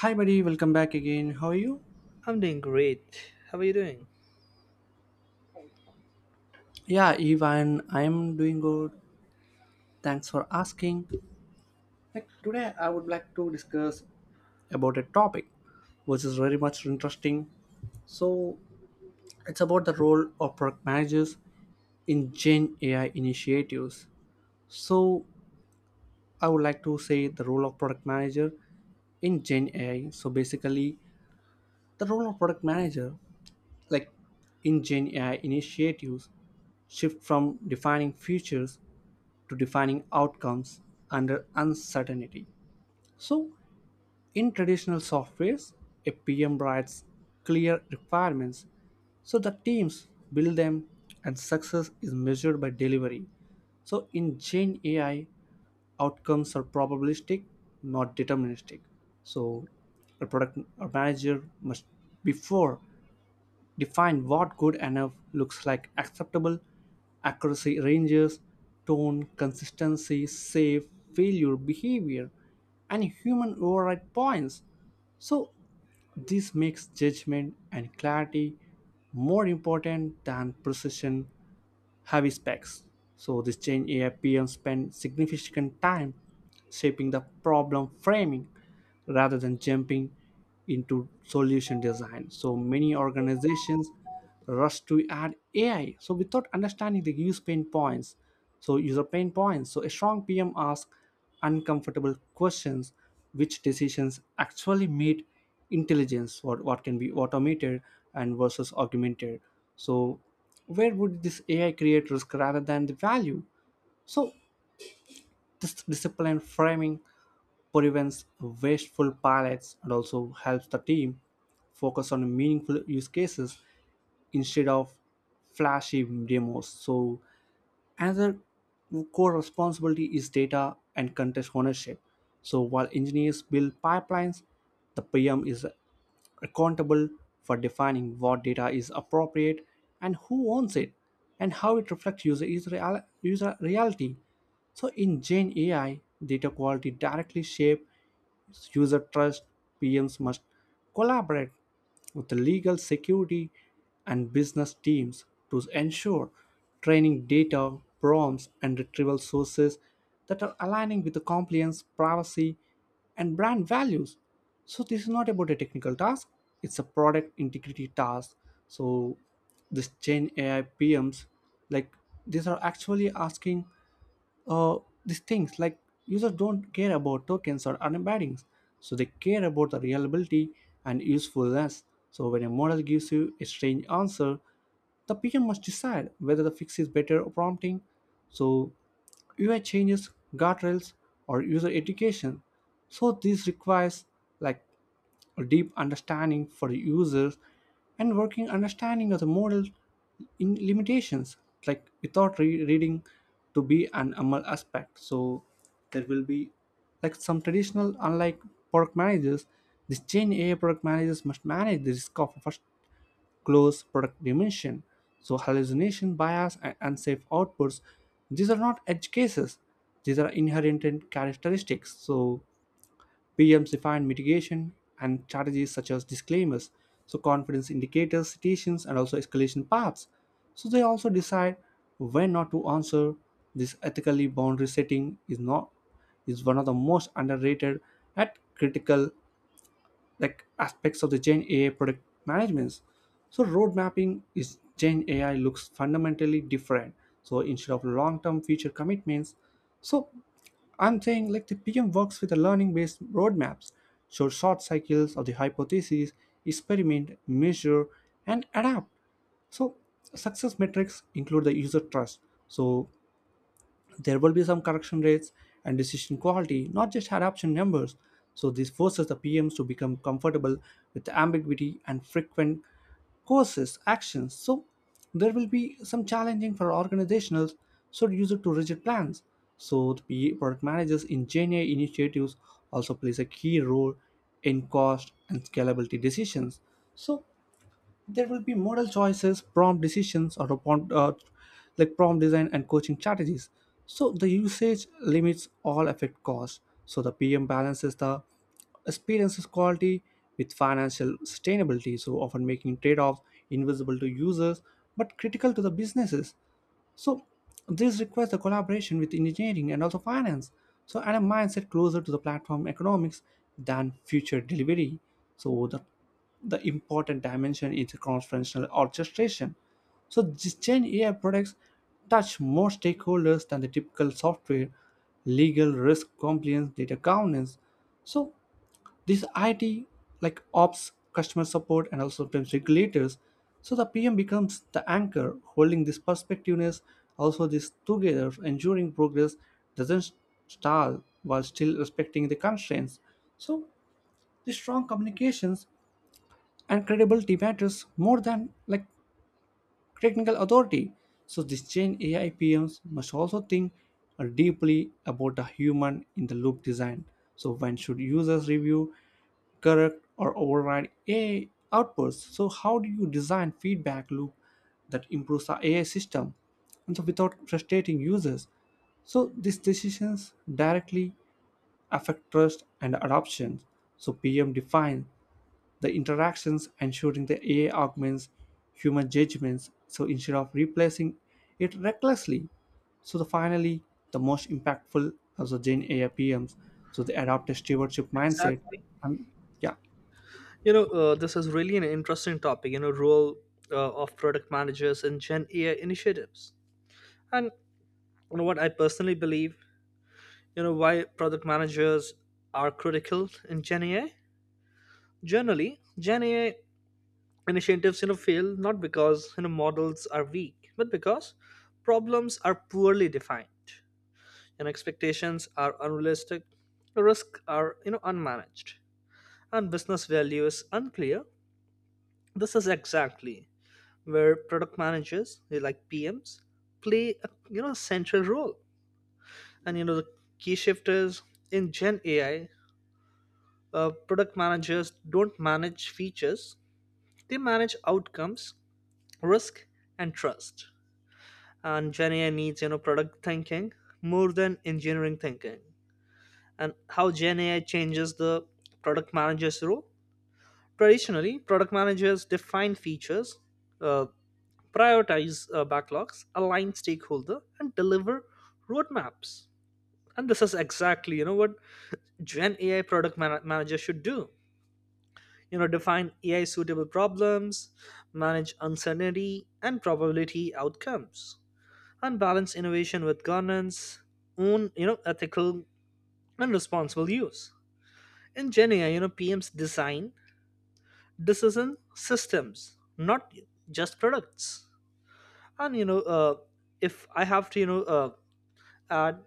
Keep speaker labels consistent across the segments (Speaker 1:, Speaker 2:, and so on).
Speaker 1: Hi, buddy. Welcome back again. How are you?
Speaker 2: I'm doing great. How are you doing?
Speaker 1: Yeah, Ivan, I'm doing good. Thanks for asking. Today, I would like to discuss about a topic which is very much interesting. So it's about the role of product managers in Gen AI initiatives. So I would like to say the role of product manager in Gen AI. So basically, the role of product manager, like in Gen AI initiatives, shift from defining features to defining outcomes under uncertainty. So in traditional softwares, a PM writes clear requirements so the teams build them and success is measured by delivery. So in Gen AI, outcomes are probabilistic, not deterministic. So a product manager must, before, define what good enough looks like: acceptable accuracy ranges, tone consistency, safe failure behavior, and human override points. So this makes judgment and clarity more important than precision heavy specs. So this change, AIPM spent significant time shaping the problem framing rather than jumping into solution design. So many organizations rush to add AI, so without understanding the use pain points, user pain points. So a strong PM asks uncomfortable questions: which decisions actually made intelligence, what can be automated and versus augmented. So where would this AI create risk rather than the value? So this disciplined framing prevents wasteful pilots and also helps the team focus on meaningful use cases instead of flashy demos. So another core responsibility is data and contest ownership. So while engineers build pipelines, the PM is accountable for defining what data is appropriate and who owns it and how it reflects user reality. So in Gen AI, data quality directly shape user trust, PMs must collaborate with the legal, security, and business teams to ensure training data, prompts, and retrieval sources that are aligning with the compliance, privacy, and brand values. So this is not about a technical task, it's a product integrity task. So this Gen AI PMs, like these are actually asking uh, these things like: users don't care about tokens or other embeddings, so they care about the reliability and usefulness. So when a model gives you a strange answer, the PM must decide whether the fix is better or prompting, so UI changes, guardrails, or user education. So this requires like a deep understanding for the users and working understanding of the model in limitations, like without reading to be an ML aspect. So there will be like some traditional, unlike product managers, this Gen AI product managers must manage the risk of a first close product dimension. So hallucination, bias, and unsafe outputs, these are not edge cases. These are inherent characteristics. So PMs define mitigation and strategies such as disclaimers, so confidence indicators, citations, and also escalation paths. So they also decide when not to answer. This ethically boundary setting is not is one of the most underrated at critical aspects of the Gen AI product management. So road mapping is Gen AI looks fundamentally different. So instead of long-term future commitments, so I'm saying like the PM works with the learning-based roadmaps, so short cycles of the hypothesis, experiment, measure, and adapt. So success metrics include the user trust. So there will be some correction rates and decision quality, not just adoption numbers. So this forces the PMs to become comfortable with ambiguity and frequent courses actions. So there will be some challenging for organizationals, so use it to rigid plans. So the PA product managers in GenAI initiatives also plays a key role in cost and scalability decisions. So there will be model choices, prompt decisions or prompt, like prompt design and coaching strategies, so the usage limits all affect costs. So the PM balances the experiences quality with financial sustainability, so often making trade-offs invisible to users but critical to the businesses. So this requires the collaboration with engineering and also finance. So and a mindset closer to the platform economics than future delivery. So the important dimension is cross-functional orchestration. So these Gen AI products touch more stakeholders than the typical software: legal, risk, compliance, data governance. So this IT ops, customer support, and also sometimes regulators. So the PM becomes the anchor, holding this perspectiveness, also this together, ensuring progress doesn't stall while still respecting the constraints. So the strong communications and credibility matters more than technical authority. So this change AI PMs must also think deeply about the human in the loop design. So when should users review, correct or override AI outputs? So how do you design feedback loop that improves the AI system and so without frustrating users? So these decisions directly affect trust and adoption. So PM defines the interactions, ensuring the AI augments human judgments, so instead of replacing it recklessly. So the finally, the most impactful as the Gen AI PMs. So they adopt a stewardship mindset.
Speaker 2: Exactly.
Speaker 1: And yeah,
Speaker 2: This is really an interesting topic. Role of product managers in Gen AI initiatives, and what I personally believe. Why product managers are critical in Gen AI. Generally, Gen AI initiatives fail not because models are weak, but because problems are poorly defined, and expectations are unrealistic, the risks are unmanaged, and business value is unclear. This is exactly where product managers, they like PMs, play a central role. And the key shift is in Gen AI, product managers don't manage features; they manage outcomes, risk, and trust. And Gen AI needs product thinking more than engineering thinking. And how Gen AI changes the product manager's role? Traditionally, product managers define features, uh, prioritize backlogs, align stakeholder, and deliver roadmaps. And this is exactly what Gen AI product manager should do. Define AI suitable problems, manage uncertainty and probability outcomes, and balance innovation with governance, own ethical and responsible use. In Gen AI, PMs design decision systems, not just products. And if I have to at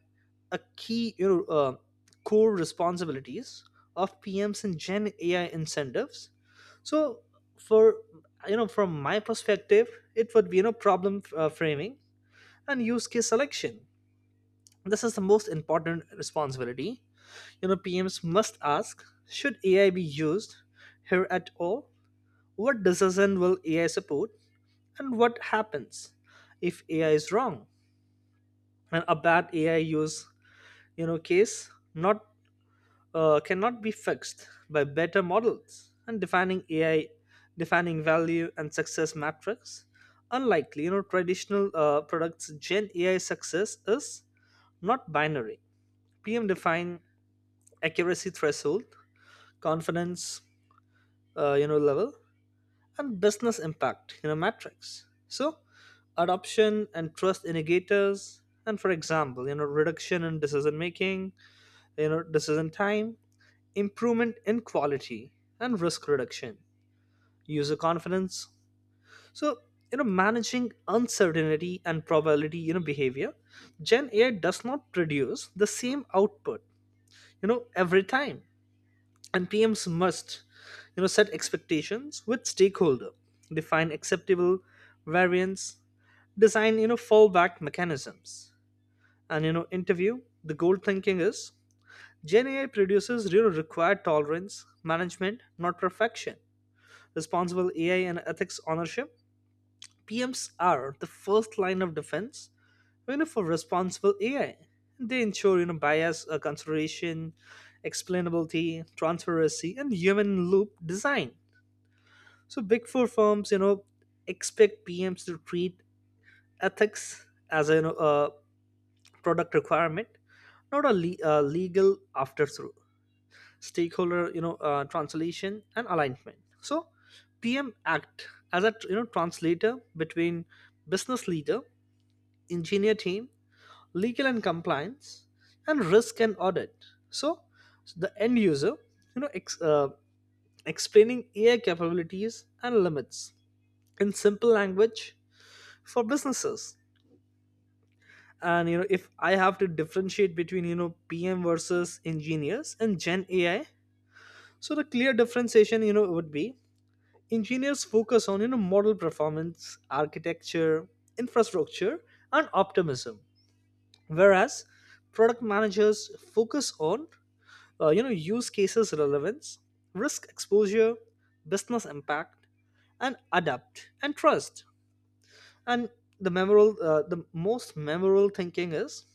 Speaker 2: a key core responsibilities of PMs in Gen AI incentives. So for from my perspective, it would be problem framing and use case selection. This is the most important responsibility. PMs must ask: should AI be used here at all? What decision will AI support, and what happens if AI is wrong? And a bad AI use case not cannot be fixed by better models, and defining AI, defining value and success matrix. Unlikely, traditional products Gen AI success is not binary. PM define accuracy threshold, confidence, level, and business impact, matrix. So, adoption and trust indicators, and for example, reduction in decision making, decision time, improvement in quality and risk reduction, user confidence. So managing uncertainty and probability behavior, Gen AI does not produce the same output every time. And PMs must set expectations with stakeholder, define acceptable variance, design fallback mechanisms. And interview the goal thinking is Gen AI produces required tolerance management, not perfection. Responsible AI and ethics ownership, PMs are the first line of defense for responsible AI. They ensure bias consideration, explainability, transparency, and human loop design. So big four firms, expect PMs to treat ethics as a product requirement, not a legal afterthought. Stakeholder translation and alignment. So PM act as a translator between business leader, engineer team, legal and compliance, and risk and audit. So the end user, you know ex- uh, explaining AI capabilities and limits in simple language for businesses. And if I have to differentiate between PM versus engineers and Gen AI, so the clear differentiation would be: engineers focus on model performance, architecture, infrastructure, and optimism, whereas product managers focus on use cases relevance, risk exposure, business impact, and adapt and trust. And the memorable, the most memorable thinking is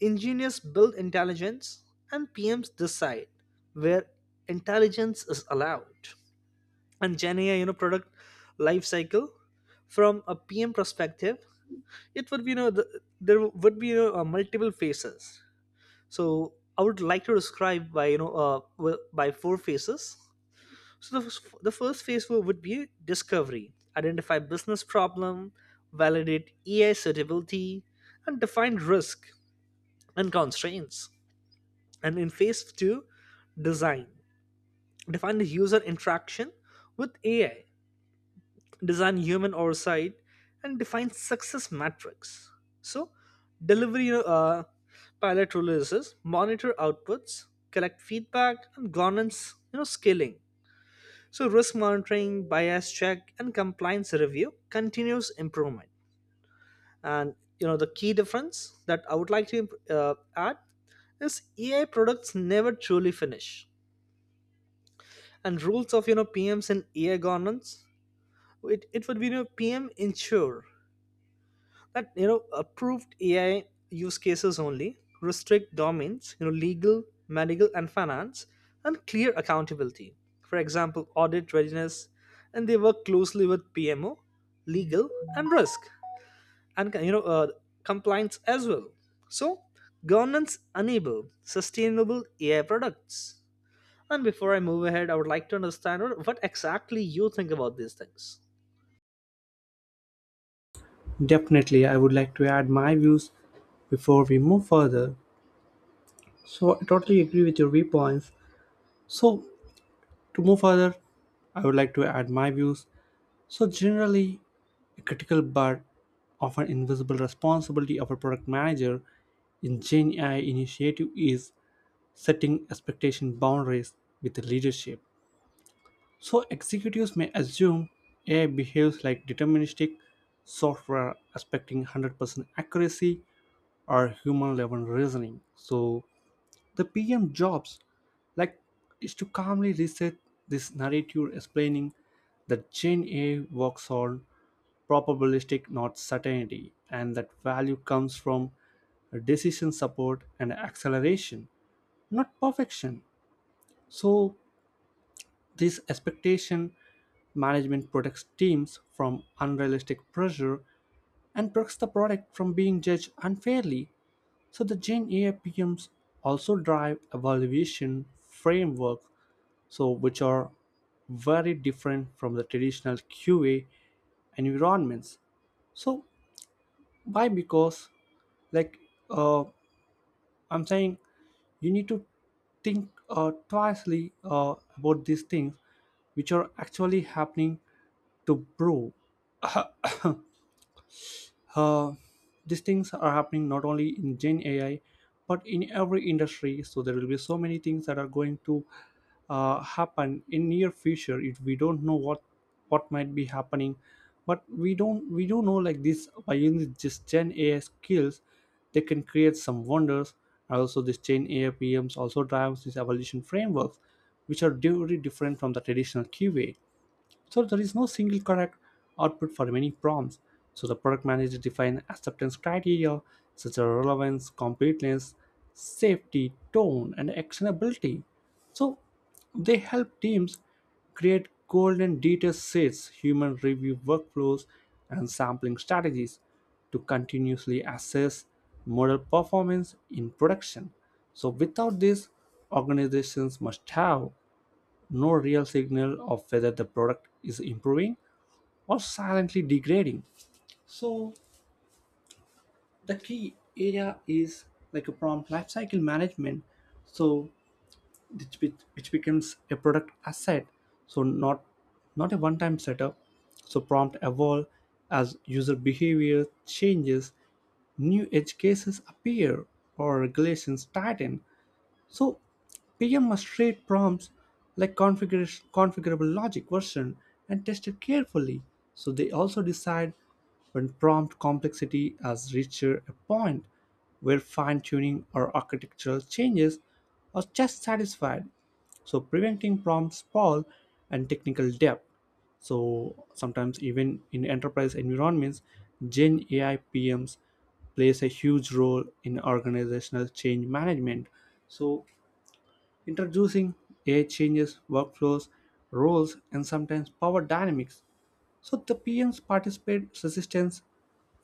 Speaker 2: engineers build intelligence and PMs decide where intelligence is allowed. And Gen AI product life cycle from a PM perspective, it would be there would be multiple phases. So I would like to describe by by four phases. So the first phase would be discovery: identify business problem, validate AI suitability, and define risk and constraints. And in phase two, design: define the user interaction with AI, design human oversight, and define success metrics. So delivery, pilot releases, monitor outputs, collect feedback, and governance, scaling. So risk monitoring, bias check, and compliance review, continuous improvement. And the key difference that I would like to add is AI products never truly finish. And rules of PMs and AI governance, it would be PM ensure that approved AI use cases only, restrict domains, legal, medical, and finance, and clear accountability. For example, audit readiness, and they work closely with PMO, legal, and risk, and compliance as well. So governance enable sustainable AI products. And before I move ahead, I would like to understand what exactly you think about these things.
Speaker 1: definitely I would like to add my views before we move further. So I totally agree with your viewpoints. So to move further, I would like to add my views. So generally, a critical but often invisible responsibility of a product manager in Gen AI initiative is setting expectation boundaries with the leadership. So executives may assume AI behaves like deterministic software expecting 100% accuracy or human level reasoning. So the PM jobs like is to calmly reset this narrative, explaining that Gen A works on probabilistic not certainty and that value comes from decision support and acceleration, not perfection. So this expectation management protects teams from unrealistic pressure and protects the product from being judged unfairly. So the Gen AI PMs also drive evaluation framework, so which are very different from the traditional QA environments. So why? Because like uh, I'm saying, you need to think twice about these things which are actually happening to prove. Uh, these things are happening not only in Gen AI, but in every industry. So there will be so many things that are going to happen in near future. If we don't know what might be happening, but we don't we do know like this by using just Gen AI skills, they can create some wonders. And also, this Gen AI PMs also drives these evolution frameworks, which are very different from the traditional QA. So there is no single correct output for many prompts. So the product manager defines acceptance criteria such as relevance, completeness, safety, tone, and actionability. So they help teams create golden data sets, human review workflows, and sampling strategies to continuously assess model performance in production. So without this, organizations must have no real signal of whether the product is improving or silently degrading. So the key area is a prompt lifecycle management. So which becomes a product asset. So not a one-time setup. So prompt evolve as user behavior changes, new edge cases appear or regulations tighten. So PM must treat prompts like configuration, configurable logic version and test it carefully. So they also decide when prompt complexity has reached a point where fine tuning or architectural changes are just satisfied, so preventing prompt sprawl and technical debt. So sometimes even in enterprise environments, Gen AI PMs plays a huge role in organizational change management. So introducing AI changes workflows, roles, and sometimes power dynamics. So the PMs participate resistance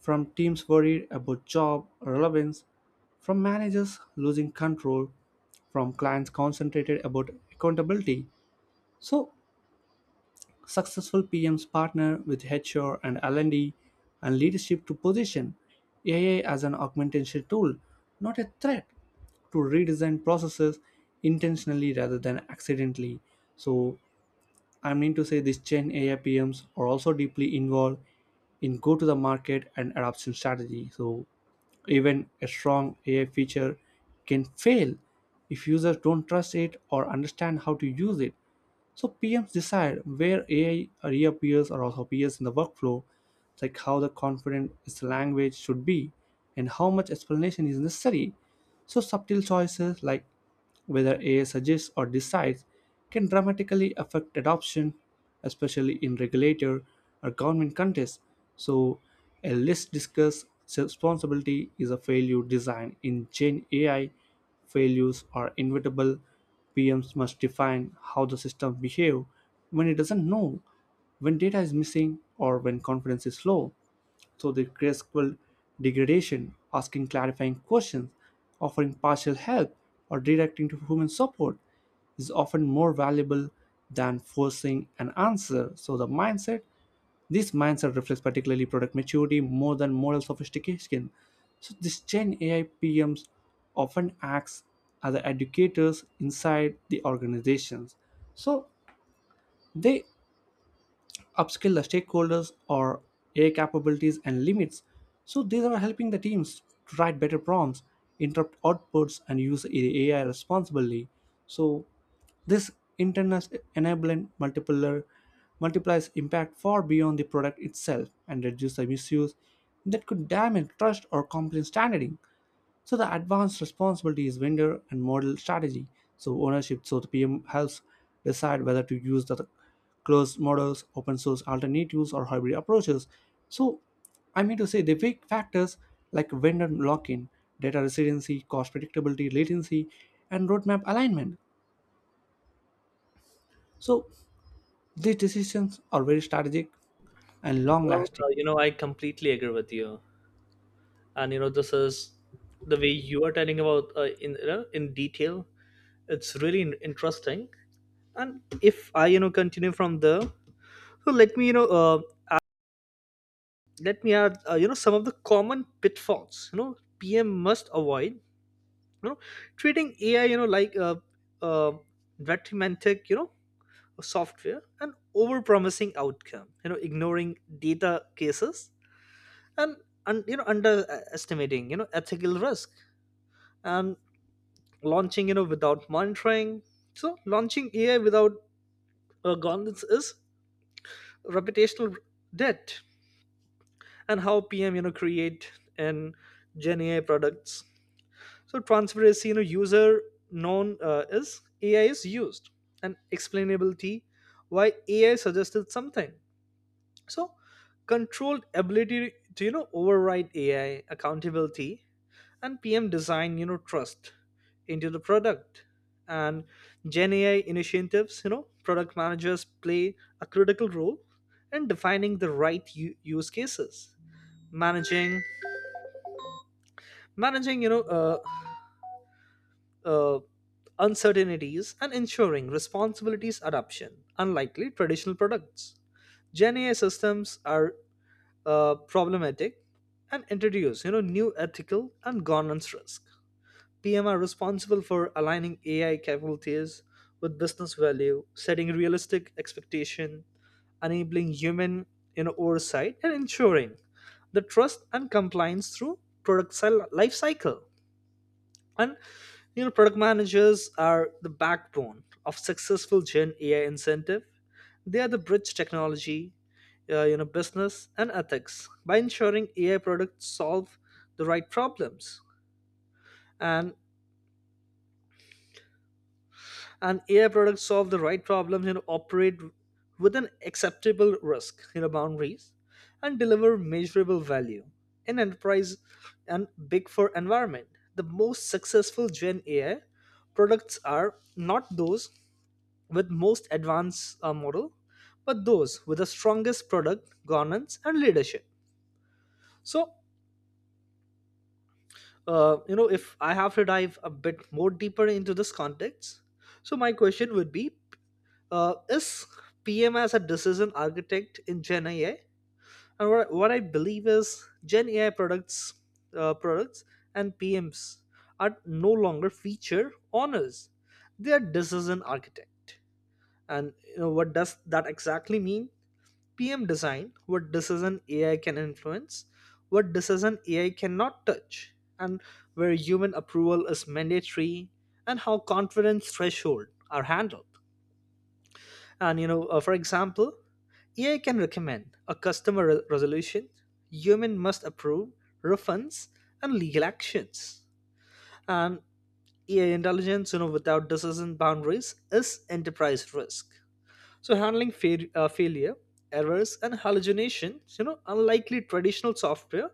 Speaker 1: from teams worried about job relevance, from managers losing control, from clients concentrated about accountability. So successful PMs partner with HR and L&D and leadership to position AI as an augmentation tool, not a threat, to redesign processes intentionally rather than accidentally. So I mean to say these Gen AI PMs are also deeply involved in go to the market and adoption strategy. So even a strong AI feature can fail if users don't trust it or understand how to use it. So PMs decide where AI reappears or also appears in the workflow, like how the confident its language should be and how much explanation is necessary. So subtle choices like whether AI suggests or decides can dramatically affect adoption, especially in regulator or government contexts. So a less discussed responsibility is a failure design in Gen AI. Failures are inevitable. PMs must define how the system behave when it doesn't know, when data is missing, or when confidence is low. So the graceful degradation, asking clarifying questions, offering partial help, or directing to human support is often more valuable than forcing an answer. So this mindset reflects particularly product maturity more than moral sophistication. So this Gen AI PMs often acts as the educators inside the organizations. So they upskill the stakeholders or AI capabilities and limits. So these are helping the teams to write better prompts, interpret outputs, and use AI responsibly. So this internet enabling multiplier multiplies impact far beyond the product itself and reduce the misuse that could damage trust or compliance standing. So the advanced responsibility is vendor and model strategy. So ownership. So the PM helps decide whether to use the closed models, open source alternatives, or hybrid approaches. So I mean to say the big factors like vendor lock-in, data resiliency, cost predictability, latency, and roadmap alignment. So these decisions are very strategic and
Speaker 2: Well,
Speaker 1: long-lasting.
Speaker 2: I completely agree with you. And this is the way you are telling about, in detail. It's really interesting. And if I continue from there, so let me let me add, some of the common pitfalls PM must avoid: you know treating AI like a uh, detrimentic software, and overpromising outcome, ignoring data cases, and underestimating ethical risk, and launching without monitoring. So launching AI without governance is reputational debt. And how PM create and Gen AI products: so transparency, user known is AI is used, and explainability, why AI suggested something. So controlled ability to override AI accountability. And PM design, trust into the product. And Gen AI initiatives, product managers play a critical role in defining the right use cases, managing, managing, uh, uncertainties, and ensuring responsibilities adoption, unlikely traditional products. Gen AI systems are problematic and introduce, new ethical and governance risk. PM are responsible for aligning AI capabilities with business value, setting realistic expectation, enabling human oversight, and ensuring the trust and compliance through product life cycle. And product managers are the backbone of successful Gen AI incentive. They are the bridge technology, business and ethics by ensuring AI products solve the right problems. And and AI products solve the right problems and operate with an acceptable risk, boundaries, and deliver measurable value in enterprise and big four environment. The most successful Gen AI products are not those with most advanced model, but those with the strongest product governance and leadership. So, if I have to dive a bit more deeper into this context, so my question would be is PM as a decision architect in Gen AI. And what I believe is Gen AI products, uh, products and PMs are no longer feature owners; they are decision architect. And what does that exactly mean? PM design: what decision AI can influence, what decision AI cannot touch, and where human approval is mandatory, and how confidence threshold are handled. And for example, AI can recommend a customer resolution, human must approve refunds and legal actions. And AI intelligence, without decision boundaries, is enterprise risk. So handling failure, errors, and hallucinations, unlikely traditional software,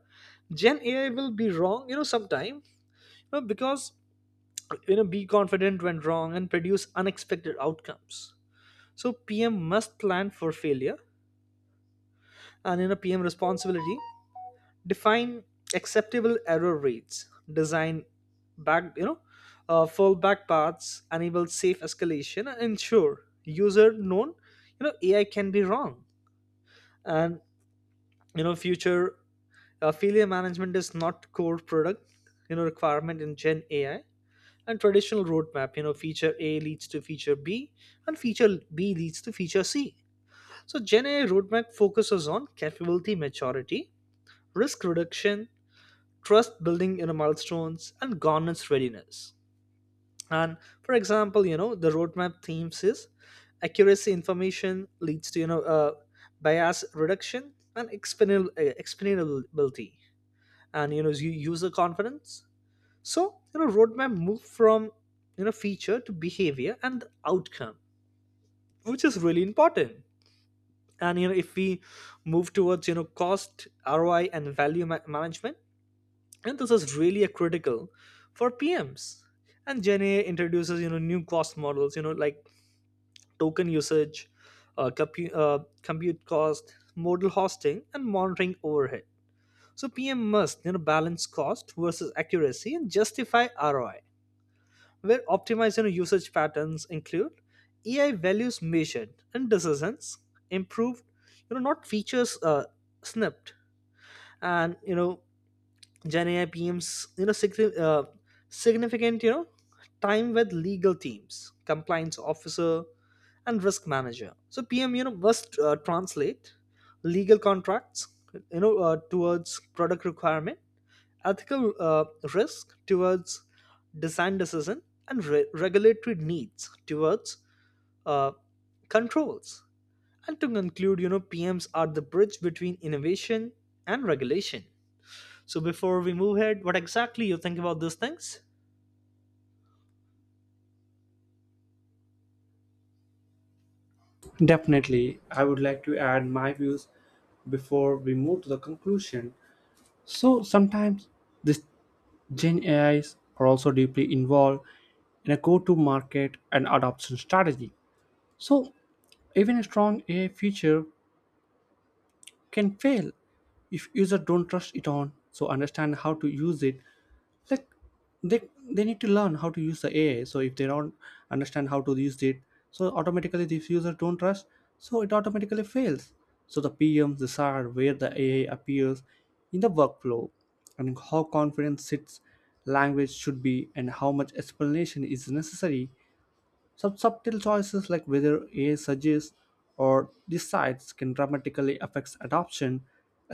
Speaker 2: Gen AI will be wrong, sometime, because be confident when wrong and produce unexpected outcomes. So PM must plan for failure. And in a PM responsibility, define acceptable error rates, design back you know fallback paths, enable safe escalation, and ensure user known AI can be wrong. And future failure management is not core product requirement in Gen AI. And traditional roadmap, feature A leads to feature B and feature B leads to feature C. So Gen AI roadmap focuses on capability maturity, risk reduction, trust building in know milestones, and governance readiness. And for example, the roadmap themes is accuracy information leads to bias reduction and explainability and user confidence. So roadmap move from feature to behavior and outcome, which is really important. And if we move towards cost ROI and value management. And this is really a critical for PMs. And Gen A introduces new cost models, like token usage, compute cost, modal hosting, and monitoring overhead. So PM must balance cost versus accuracy and justify ROI, where optimizing usage patterns include AI values measured and decisions improved, not features snipped. And Gen AI PMs, significant, time with legal teams, compliance officer, and risk manager. So PM, must translate legal contracts, towards product requirement, ethical risk towards design decision, and regulatory needs towards uh, controls. And to conclude, PMs are the bridge between innovation and regulation. So before we move ahead, what exactly you think about these things?
Speaker 1: Definitely, I would like to add my views before we move to the conclusion. So sometimes this Gen AIs are also deeply involved in a go-to-market and adoption strategy. So even a strong AI feature can fail if users don't trust it on. So understand how to use it, like they they need to learn how to use the ai, so if they don't understand how to use it, so automatically these users don't trust, so it automatically fails. So the pms, these are where the ai appears in the workflow, and how confidence its language should be and how much explanation is necessary. Some subtle choices like whether ai suggests or decides can dramatically affect adoption,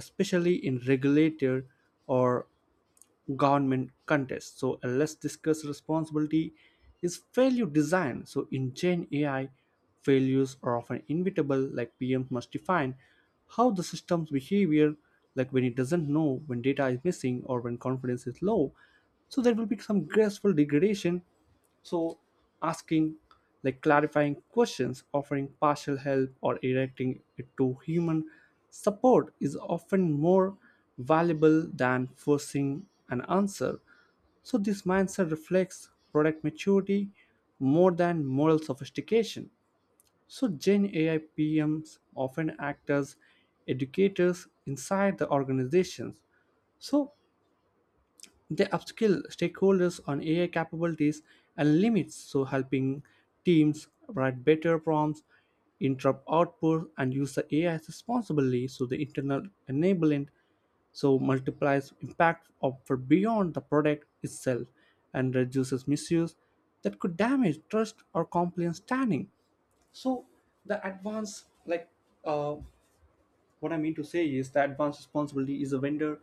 Speaker 1: especially in regulated or government contest. So let's discuss responsibility is failure design. So in Gen AI, failures are often inevitable. Like PMs must define how the system's behavior, like when it doesn't know, when data is missing, or when confidence is low. So there will be some graceful degradation, so asking like clarifying questions, offering partial help, or directing it to human support is often more valuable than forcing an answer. So this mindset reflects product maturity more than moral sophistication. So Gen AI PMs often act as educators inside the organizations. So they upskill stakeholders on AI capabilities and limits, so helping teams write better prompts, interrupt output, and use the AI responsibly. So the internal enablement so multiplies impact of for beyond the product itself and reduces misuse that could damage trust or compliance standing. So the advanced like uh, what I mean to say is that advanced responsibility is a vendor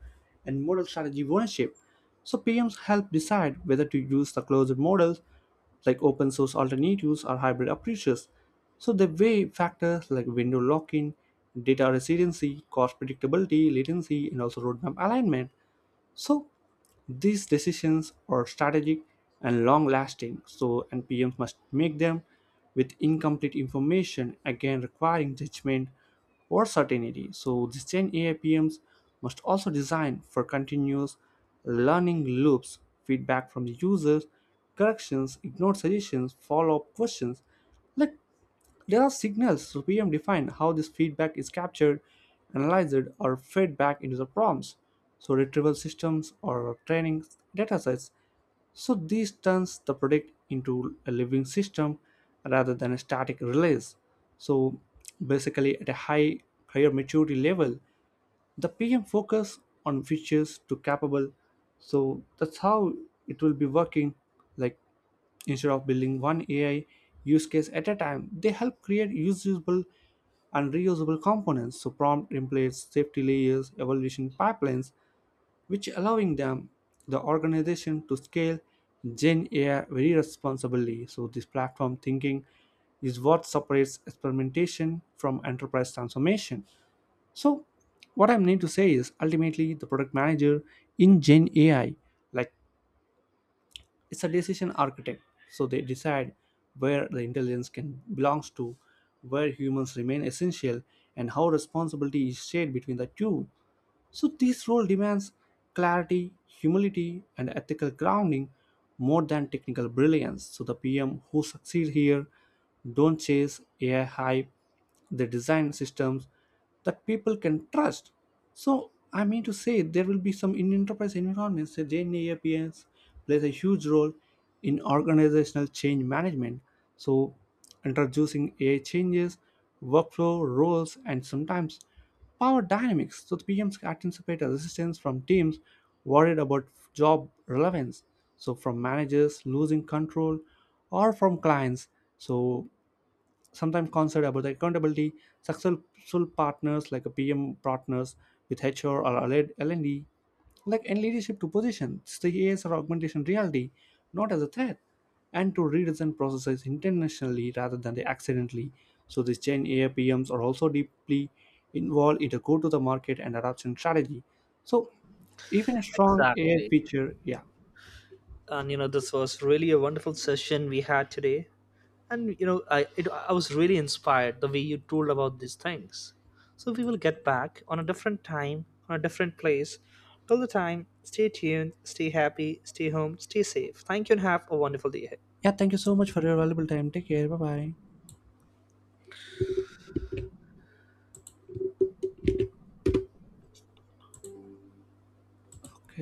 Speaker 1: and model strategy of ownership. So PMs help decide whether to use the closed models like open source alternatives or hybrid approaches. So they weigh factors like window lock-in, data resiliency, cost predictability, latency, and also roadmap alignment. So these decisions are strategic and long lasting, so NPMs must make them with incomplete information, again requiring judgment or certainty. So the Gen AI PMs must also design for continuous learning loops, feedback from the users, corrections, ignored suggestions, follow-up questions. Like there are signals, so PM define how this feedback is captured, analyzed, or fed back into the prompts. So retrieval systems or training datasets. So this turns the product into a living system rather than a static release. So basically at a higher maturity level, the pm focus on features to capable, so that's how it will be working. Like instead of building one ai use case at a time, they help create usable and reusable components, so prompt templates, safety layers, evaluation pipelines, which allowing them the organization to scale gen ai very responsibly. So this platform thinking is what separates experimentation from enterprise transformation. So what I mean to say is ultimately the product manager in Gen AI, like it's a decision architect. So they decide where the intelligence can belongs to, where humans remain essential, and how responsibility is shared between the two. So this role demands clarity, humility, and ethical grounding more than technical brilliance. So the PM who succeed here don't chase AI hype, they design systems that people can trust. So, I mean to say, there will be some in enterprise environments that Gen AI PMs plays a huge role in organizational change management. So, introducing AI changes, workflow, roles, and sometimes Power dynamics. So the PMs anticipate a resistance from teams worried about job relevance. So from managers losing control or from clients. So sometimes concerned about the accountability, successful partners, like a pm partners with HR or LND, like in leadership to position the as or augmentation reality, not as a threat, and to redesign processes intentionally rather than they accidentally. So these gen ai pms are also deeply involved in the go to the market and adoption strategy. So even a strong ai
Speaker 2: Exactly.
Speaker 1: feature, yeah.
Speaker 2: And this was really a wonderful session we had today. And I was really inspired the way you told about these things. So we will get back on a different time, on a different place. Till the time, stay tuned, stay happy, stay home, stay safe. Thank you and have a wonderful day ahead.
Speaker 1: Yeah, thank you so much for your valuable time. Take care, bye bye. Okay.